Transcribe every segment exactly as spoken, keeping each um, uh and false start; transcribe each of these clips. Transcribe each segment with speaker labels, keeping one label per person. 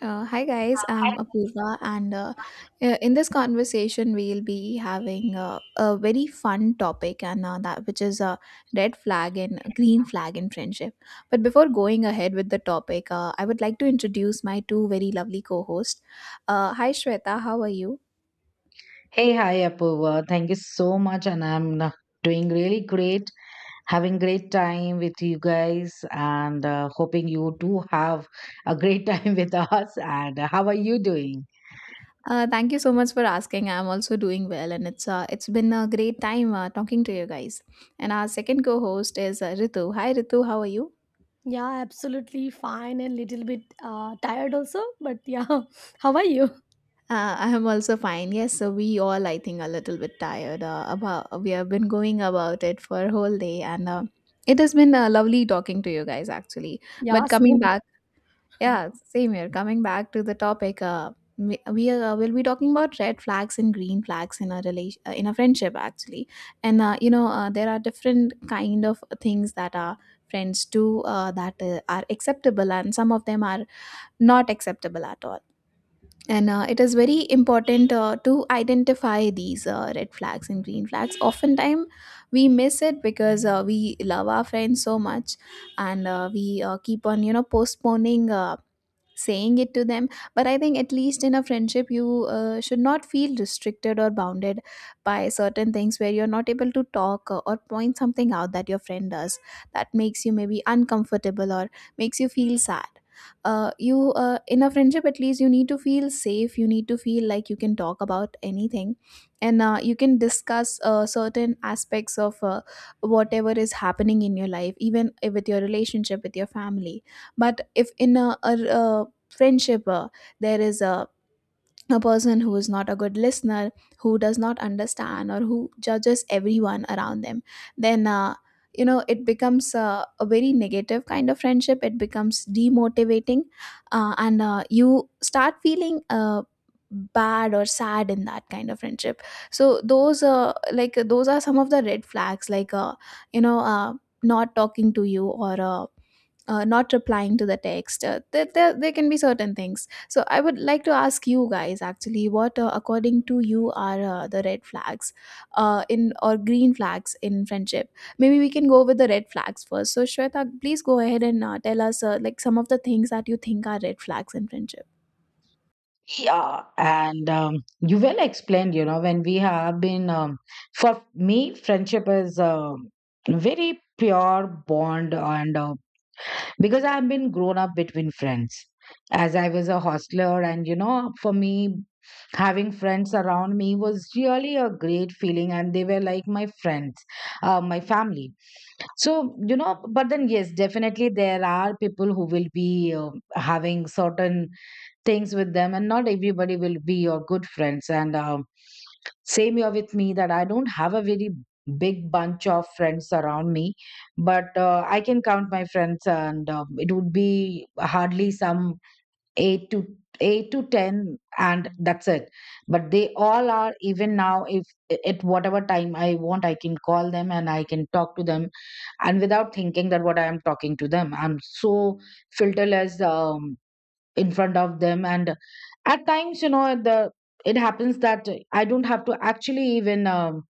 Speaker 1: Uh, hi guys, I'm Apurva, and uh, uh, in this conversation, we'll be having uh, a very fun topic, and uh, that which is a red flag and a green flag in friendship. But before going ahead with the topic, uh, I would like to introduce my two very lovely co-hosts. Uh, hi Shweta, how are you?
Speaker 2: Hey, hi, Apurva. Thank you so much. And I'm uh, doing really great, having great time with you guys, and uh, hoping you too have a great time with us. And uh, how are you doing?
Speaker 1: Uh, thank you so much for asking. I'm also doing well, and it's uh, it's been a great time uh, talking to you guys. And our second co-host is uh, Ritu. Hi Ritu, how are you?
Speaker 3: Yeah, absolutely fine and little bit uh, tired also. But yeah, how are you?
Speaker 1: Uh, I am also fine. Yes, so we all, I think, a little bit tired. Uh, about we have been going about it for a whole day, and uh, it has been uh, lovely talking to you guys, actually.
Speaker 3: Yeah,
Speaker 1: But
Speaker 3: same.
Speaker 1: coming
Speaker 3: Here.
Speaker 1: back, yeah, same here. Coming back to the topic, uh, we, we uh, will be talking about red flags and green flags in a relation, uh, in a friendship, actually. And uh, you know, uh, there are different kind of things that are friends do uh, that uh, are acceptable, and some of them are not acceptable at all, and uh, it is very important uh, to identify these uh, red flags and green flags. Oftentimes we miss it because uh, we love our friends so much, and uh, we uh, keep on you know postponing uh, saying it to them. But I think at least in a friendship you uh, should not feel restricted or bounded by certain things where you're not able to talk or or point something out that your friend does, that makes you maybe uncomfortable or makes you feel sad. Uh, you uh, in a friendship, at least you need to feel safe, you need to feel like you can talk about anything, and uh, you can discuss uh, certain aspects of uh, whatever is happening in your life, even if with your relationship with your family. But if in a, a, uh friendship uh, there is a a person who is not a good listener, who does not understand or who judges everyone around them, then uh, you know it becomes uh, a very negative kind of friendship. It becomes demotivating, uh, and uh, you start feeling uh, bad or sad in that kind of friendship. So those uh, like those are some of the red flags, like uh, you know uh, not talking to you or uh, uh, not replying to the text. Uh, there, there, there can be certain things. So I would like to ask you guys, actually, what, uh, according to you, are uh, the red flags uh, in or green flags in friendship? Maybe we can go with the red flags first. So Shweta, please go ahead and uh, tell us uh, like some of the things that you think are red flags in friendship.
Speaker 2: Yeah, and um, you well explained, you know, when we have been, um, for me, friendship is um very pure bond, and uh, because I've been grown up between friends, as I was a hostler. And you know, for me, having friends around me was really a great feeling, and they were like my friends, uh, my family. So you know, but then yes, definitely there are people who will be uh, having certain things with them, and not everybody will be your good friends. And um, same here with me, that I don't have a very big bunch of friends around me. But uh, I can count my friends, and um, it would be hardly some eight to eight to ten, and that's it. But they all are, even now, if at whatever time I want, I can call them and I can talk to them. And without thinking that what I am talking to them, I'm so filterless, um, in front of them. And at times, you know, the it happens that I don't have to actually even um,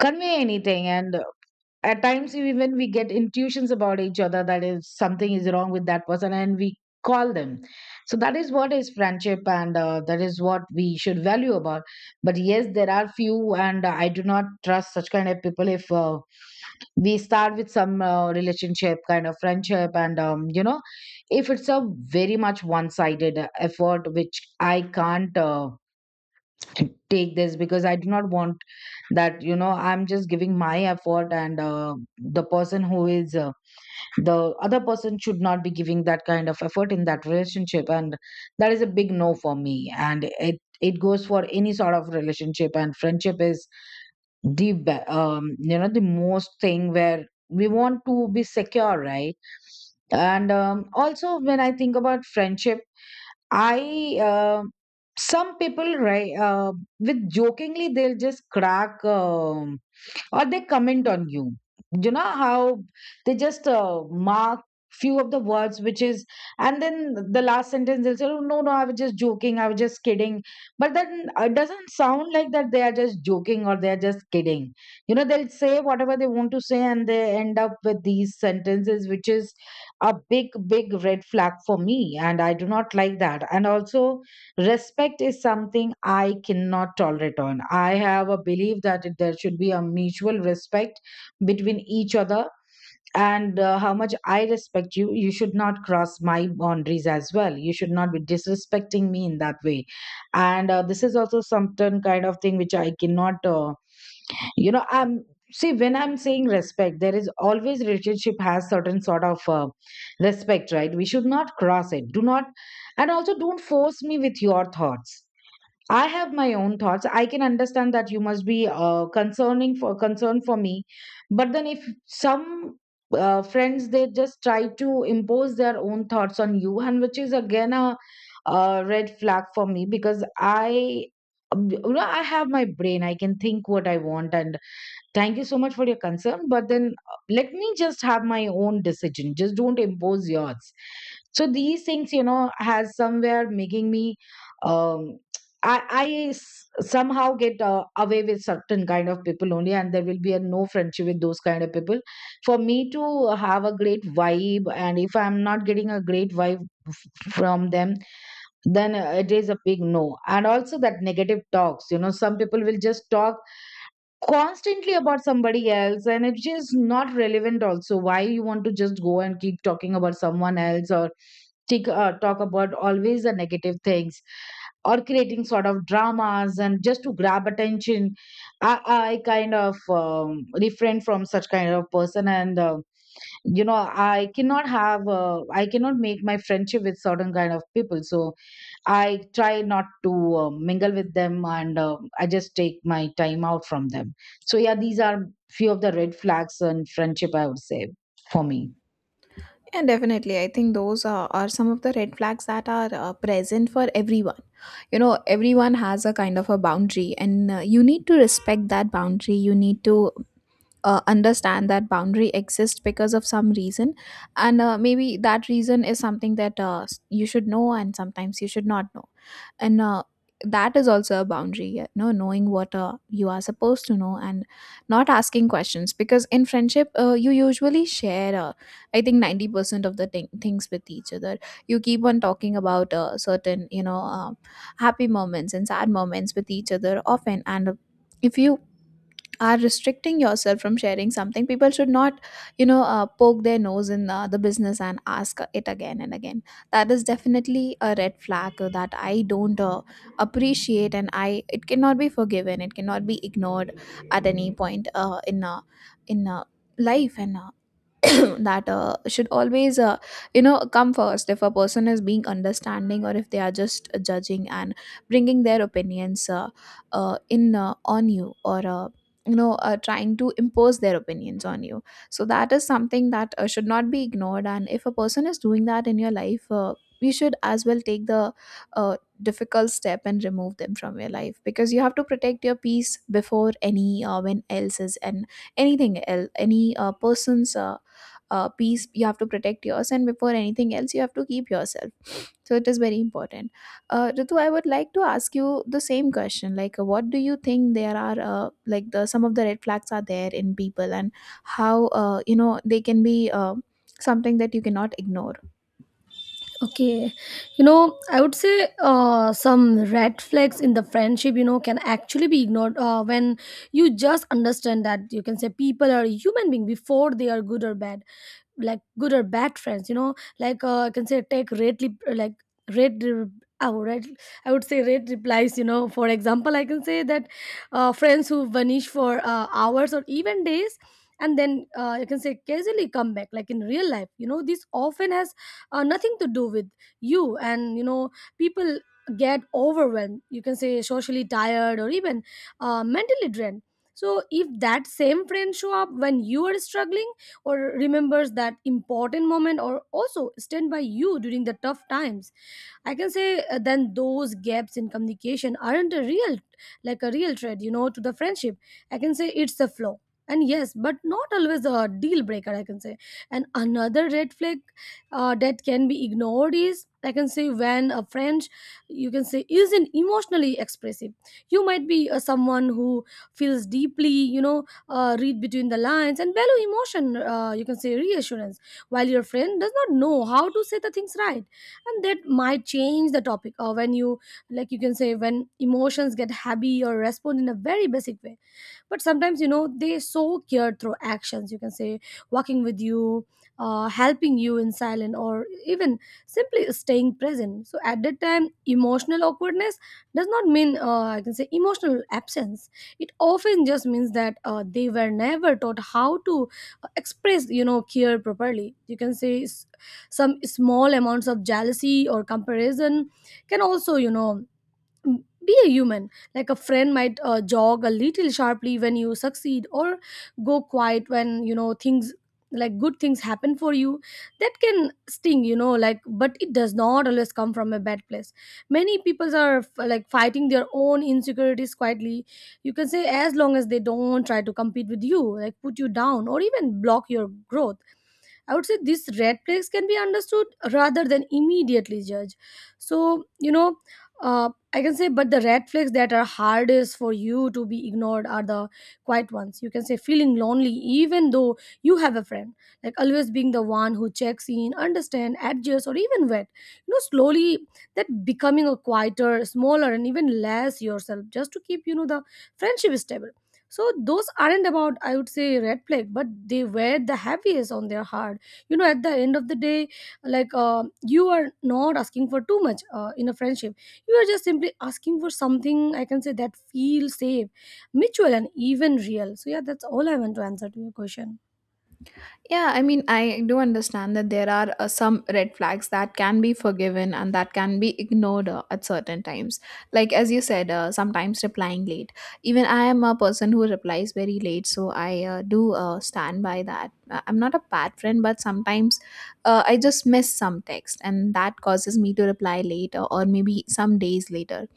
Speaker 2: convey anything. And at times, even we get intuitions about each other, that if something is wrong with that person, and we call them. So that is what is friendship, and uh, that is what we should value about. But yes, there are few, and I do not trust such kind of people. If uh, we start with some uh, relationship kind of friendship, and um, you know, if it's a very much one sided effort, which I can't uh, take this, because I do not want that, you know, I'm just giving my effort, and uh, the person who is uh, the other person should not be giving that kind of effort in that relationship. And that is a big no for me, and it it goes for any sort of relationship. And friendship is the be- um you know, the most thing where we want to be secure, right? And um, also when I think about friendship, I uh, some people, right, uh, with jokingly they'll just crack, um, or they comment on you. You know how they just uh, mark few of the words, which is, and then the last sentence they'll say, oh, no no, I was just joking, I was just kidding. But then uh, it doesn't sound like that they are just joking or they are just kidding. You know, they'll say whatever they want to say, and they end up with these sentences, which is a big big red flag for me, and I do not like that. And also, respect is something I cannot tolerate on. I have a belief that it- there should be a mutual respect between each other. And uh, how much I respect you, you should not cross my boundaries as well. You should not be disrespecting me in that way. And uh, this is also certain kind of thing which I cannot, uh, you know, I'm see, when I'm saying respect, there is always relationship has certain sort of uh, respect, right? We should not cross it. Do not, and also don't force me with your thoughts. I have my own thoughts. I can understand that you must be uh, concerning for concern for me, but then if some uh, friends, they just try to impose their own thoughts on you, and which is again a, a red flag for me, because I, you know, I have my brain. I can think what I want, and thank you so much for your concern, but then uh, let me just have my own decision. Just don't impose yours. So these things, you know, has somewhere making me, um, I, I s- somehow get uh, away with certain kind of people only, and there will be a no friendship with those kind of people. For me to have a great vibe, and if I'm not getting a great vibe from them, then uh, it is a big no. And also that negative talks, you know, some people will just talk constantly about somebody else, and it's just not relevant. Also why you want to just go and keep talking about someone else, or take, uh, talk about always the negative things, or creating sort of dramas, and just to grab attention. i, I kind of um, refrain from such kind of person, and uh, you know, i cannot have uh, i cannot make my friendship with certain kind of people. So I try not to uh, mingle with them, and uh, I just take my time out from them. So, yeah, these are few of the red flags in friendship, I would say, for me.
Speaker 1: Yeah, definitely. I think those are, are some of the red flags that are uh, present for everyone. You know, everyone has a kind of a boundary, and uh, you need to respect that boundary. You need to uh, understand that boundary exists because of some reason, and uh, maybe that reason is something that uh, s- you should know, and sometimes you should not know. And uh, that is also a boundary, you know, knowing what uh, you are supposed to know and not asking questions, because in friendship uh, you usually share uh, I think ninety percent of the thing things with each other. You keep on talking about uh, certain, you know uh, happy moments and sad moments with each other often, and if you are restricting yourself from sharing something, people should not, you know uh, poke their nose in uh, the business and ask it again and again. That is definitely a red flag uh, that I don't uh, appreciate, and I, it cannot be forgiven, it cannot be ignored at any point uh, in uh, in uh, life, and uh, that uh, should always uh, you know come first. If a person is being understanding, or if they are just judging and bringing their opinions uh, uh, in uh, on you, or uh, you know uh, trying to impose their opinions on you, so that is something that uh, should not be ignored. And if a person is doing that in your life, uh, you should as well take the uh, difficult step and remove them from your life, because you have to protect your peace before any uh, when else is, and anything else, any uh, person's uh, uh, peace. You have to protect yours, and before anything else you have to keep yourself. So it is very important. uh, Ritu, I would like to ask you the same question, like uh, what do you think there are uh, like the some of the red flags are there in people, and how uh, you know they can be uh, something that you cannot ignore.
Speaker 3: Okay, you know, I would say uh, some red flags in the friendship, you know, can actually be ignored uh, when you just understand that you can say people are human being before they are good or bad. Like good or bad friends, you know, like uh, I can say take rate lip- like rate re- I would, write- I would say rate replies, you know, for example, I can say that uh, friends who vanish for uh, hours or even days, and then uh, you can say casually come back. Like in real life, you know, this often has uh, nothing to do with you. And you know people get overwhelmed, you can say socially tired or even uh, mentally drained. So if that same friend show up when you are struggling, or remembers that important moment, or also stand by you during the tough times, I can say uh, then those gaps in communication aren't a real, like a real threat, you know, to the friendship. I can say it's a flaw. And yes, but not always a deal breaker, I can say. And another red flag uh, that can be ignored is, I can say, when a friend, you can say, isn't emotionally expressive. You might be uh, someone who feels deeply, you know, uh, read between the lines and value emotion, uh, you can say, reassurance, while your friend does not know how to say the things right, and that might change the topic, or when you, like you can say, when emotions get heavy, or respond in a very basic way. But sometimes, you know, they so care through actions, you can say, walking with you, uh, helping you in silence, or even simply staying present. So at that time, emotional awkwardness does not mean, uh, I can say, emotional absence. It often just means that uh, they were never taught how to uh, express, you know, care properly. You can say, s- some small amounts of jealousy or comparison can also, you know, be a human. Like a friend might uh, jog a little sharply when you succeed, or go quiet when, you know, things like good things happen for you. That can sting, you know, like, but it does not always come from a bad place. Many people are f- like fighting their own insecurities quietly, you can say. As long as they don't try to compete with you, like put you down or even block your growth, I would say these red flags can be understood rather than immediately judged. So, you know, uh, I can say, but the red flags that are hardest for you to be ignored are the quiet ones. You can say feeling lonely, even though you have a friend, like always being the one who checks in, understand, adjusts, or even wet. You know, slowly that becoming a quieter, smaller, and even less yourself just to keep, you know, the friendship stable. So those aren't about, I would say, red flag, but they wear the heaviest on their heart, you know. At the end of the day, like uh, you are not asking for too much uh, in a friendship. You are just simply asking for something, I can say, that feels safe, mutual, and even real. So yeah, that's all I want to answer to your question.
Speaker 1: Yeah, I mean, I do understand that there are uh, some red flags that can be forgiven and that can be ignored uh, at certain times. Like, as you said, uh, sometimes replying late. Even I am a person who replies very late, so I uh, do uh, stand by that. Uh, I'm not a bad friend, but sometimes uh, I just miss some text, and that causes me to reply later, or maybe some days later,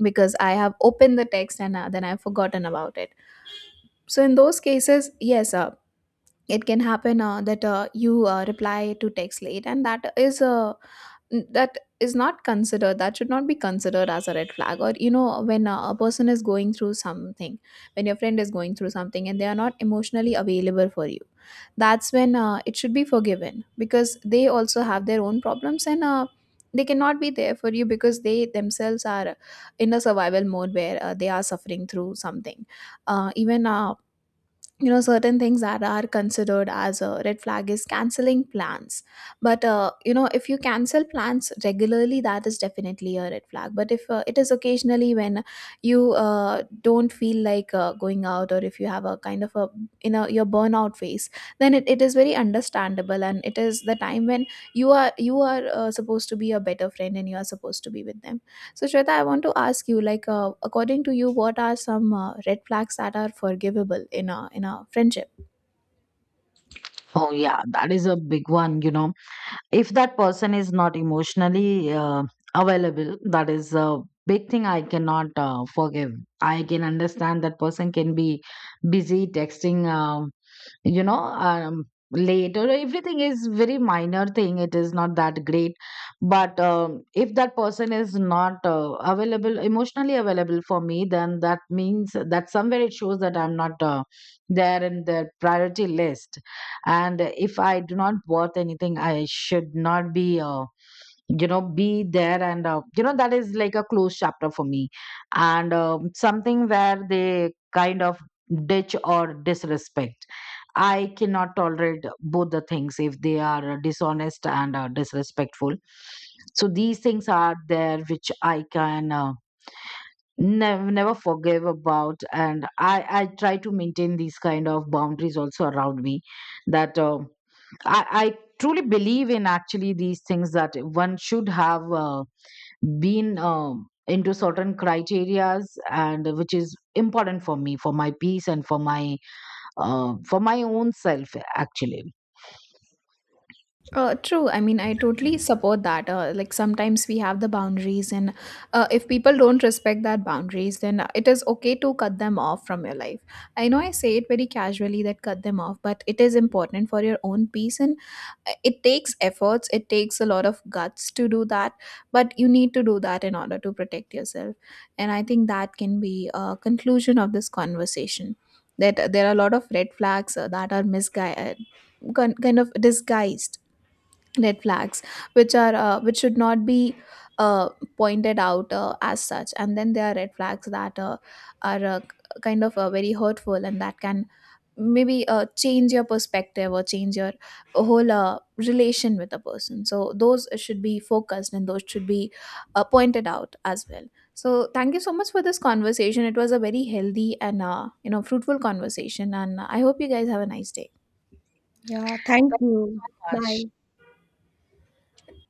Speaker 1: because I have opened the text and uh, then I've forgotten about it. So in those cases, yes, uh, it can happen uh, that uh, you uh, reply to text late, and that is uh, n- that is not considered, that should not be considered as a red flag. Or, you know, when uh, a person is going through something, when your friend is going through something and they are not emotionally available for you, that's when uh, it should be forgiven, because they also have their own problems and uh, they cannot be there for you because they themselves are in a survival mode, where uh, they are suffering through something. Uh, even uh, you know, certain things that are considered as a red flag is canceling plans, but uh, you know, if you cancel plans regularly, that is definitely a red flag, but if uh, it is occasionally, when you uh, don't feel like uh, going out, or if you have a kind of a, you know, your burnout phase, then it, it is very understandable, and it is the time when you are you are uh, supposed to be a better friend and you are supposed to be with them. So, Shweta, I want to ask you, like, uh, according to you, what are some uh, red flags that are forgivable in a in a friendship?
Speaker 2: Oh, yeah, that is a big one, you know. If that person is not emotionally uh, available, that is a big thing I cannot uh, forgive. I can understand that person can be busy texting, uh, you know, um late, or everything is very minor thing, it is not that great. But um, if that person is not uh, available emotionally available for me, then that means that somewhere it shows that I'm not uh, there in their priority list. And if I do not worth anything, I should not be uh, you know, be there. And uh, you know, that is like a closed chapter for me. And um something where they kind of ditch or disrespect, I cannot tolerate both the things, if they are uh, dishonest and uh, disrespectful. So these things are there, which I can uh, never never forgive about, and I I try to maintain these kind of boundaries also around me. That uh, I I truly believe in actually these things, that one should have uh, been. Um into certain criterias, and which is important for me, for my peace, and for my uh, for my own self actually.
Speaker 1: Uh, true. I mean, I totally support that. Uh, like, sometimes we have the boundaries, and uh, if people don't respect that boundaries, then it is okay to cut them off from your life. I know I say it very casually that cut them off, but it is important for your own peace, and uh, it takes efforts. It takes a lot of guts to do that, but you need to do that in order to protect yourself. And I think that can be a conclusion of this conversation. That uh, there are a lot of red flags uh, that are misguided, kind of disguised red flags, which are uh, which should not be uh, pointed out uh, as such. And then there are red flags that uh, are uh, k- kind of uh, very hurtful, and that can maybe uh, change your perspective or change your whole uh, relation with a person, so those should be focused and those should be uh, pointed out as well. So thank you so much for this conversation. It was a very healthy and uh, you know fruitful conversation, and I hope you guys have a nice day.
Speaker 3: Yeah, thank you. Bye.
Speaker 2: Much.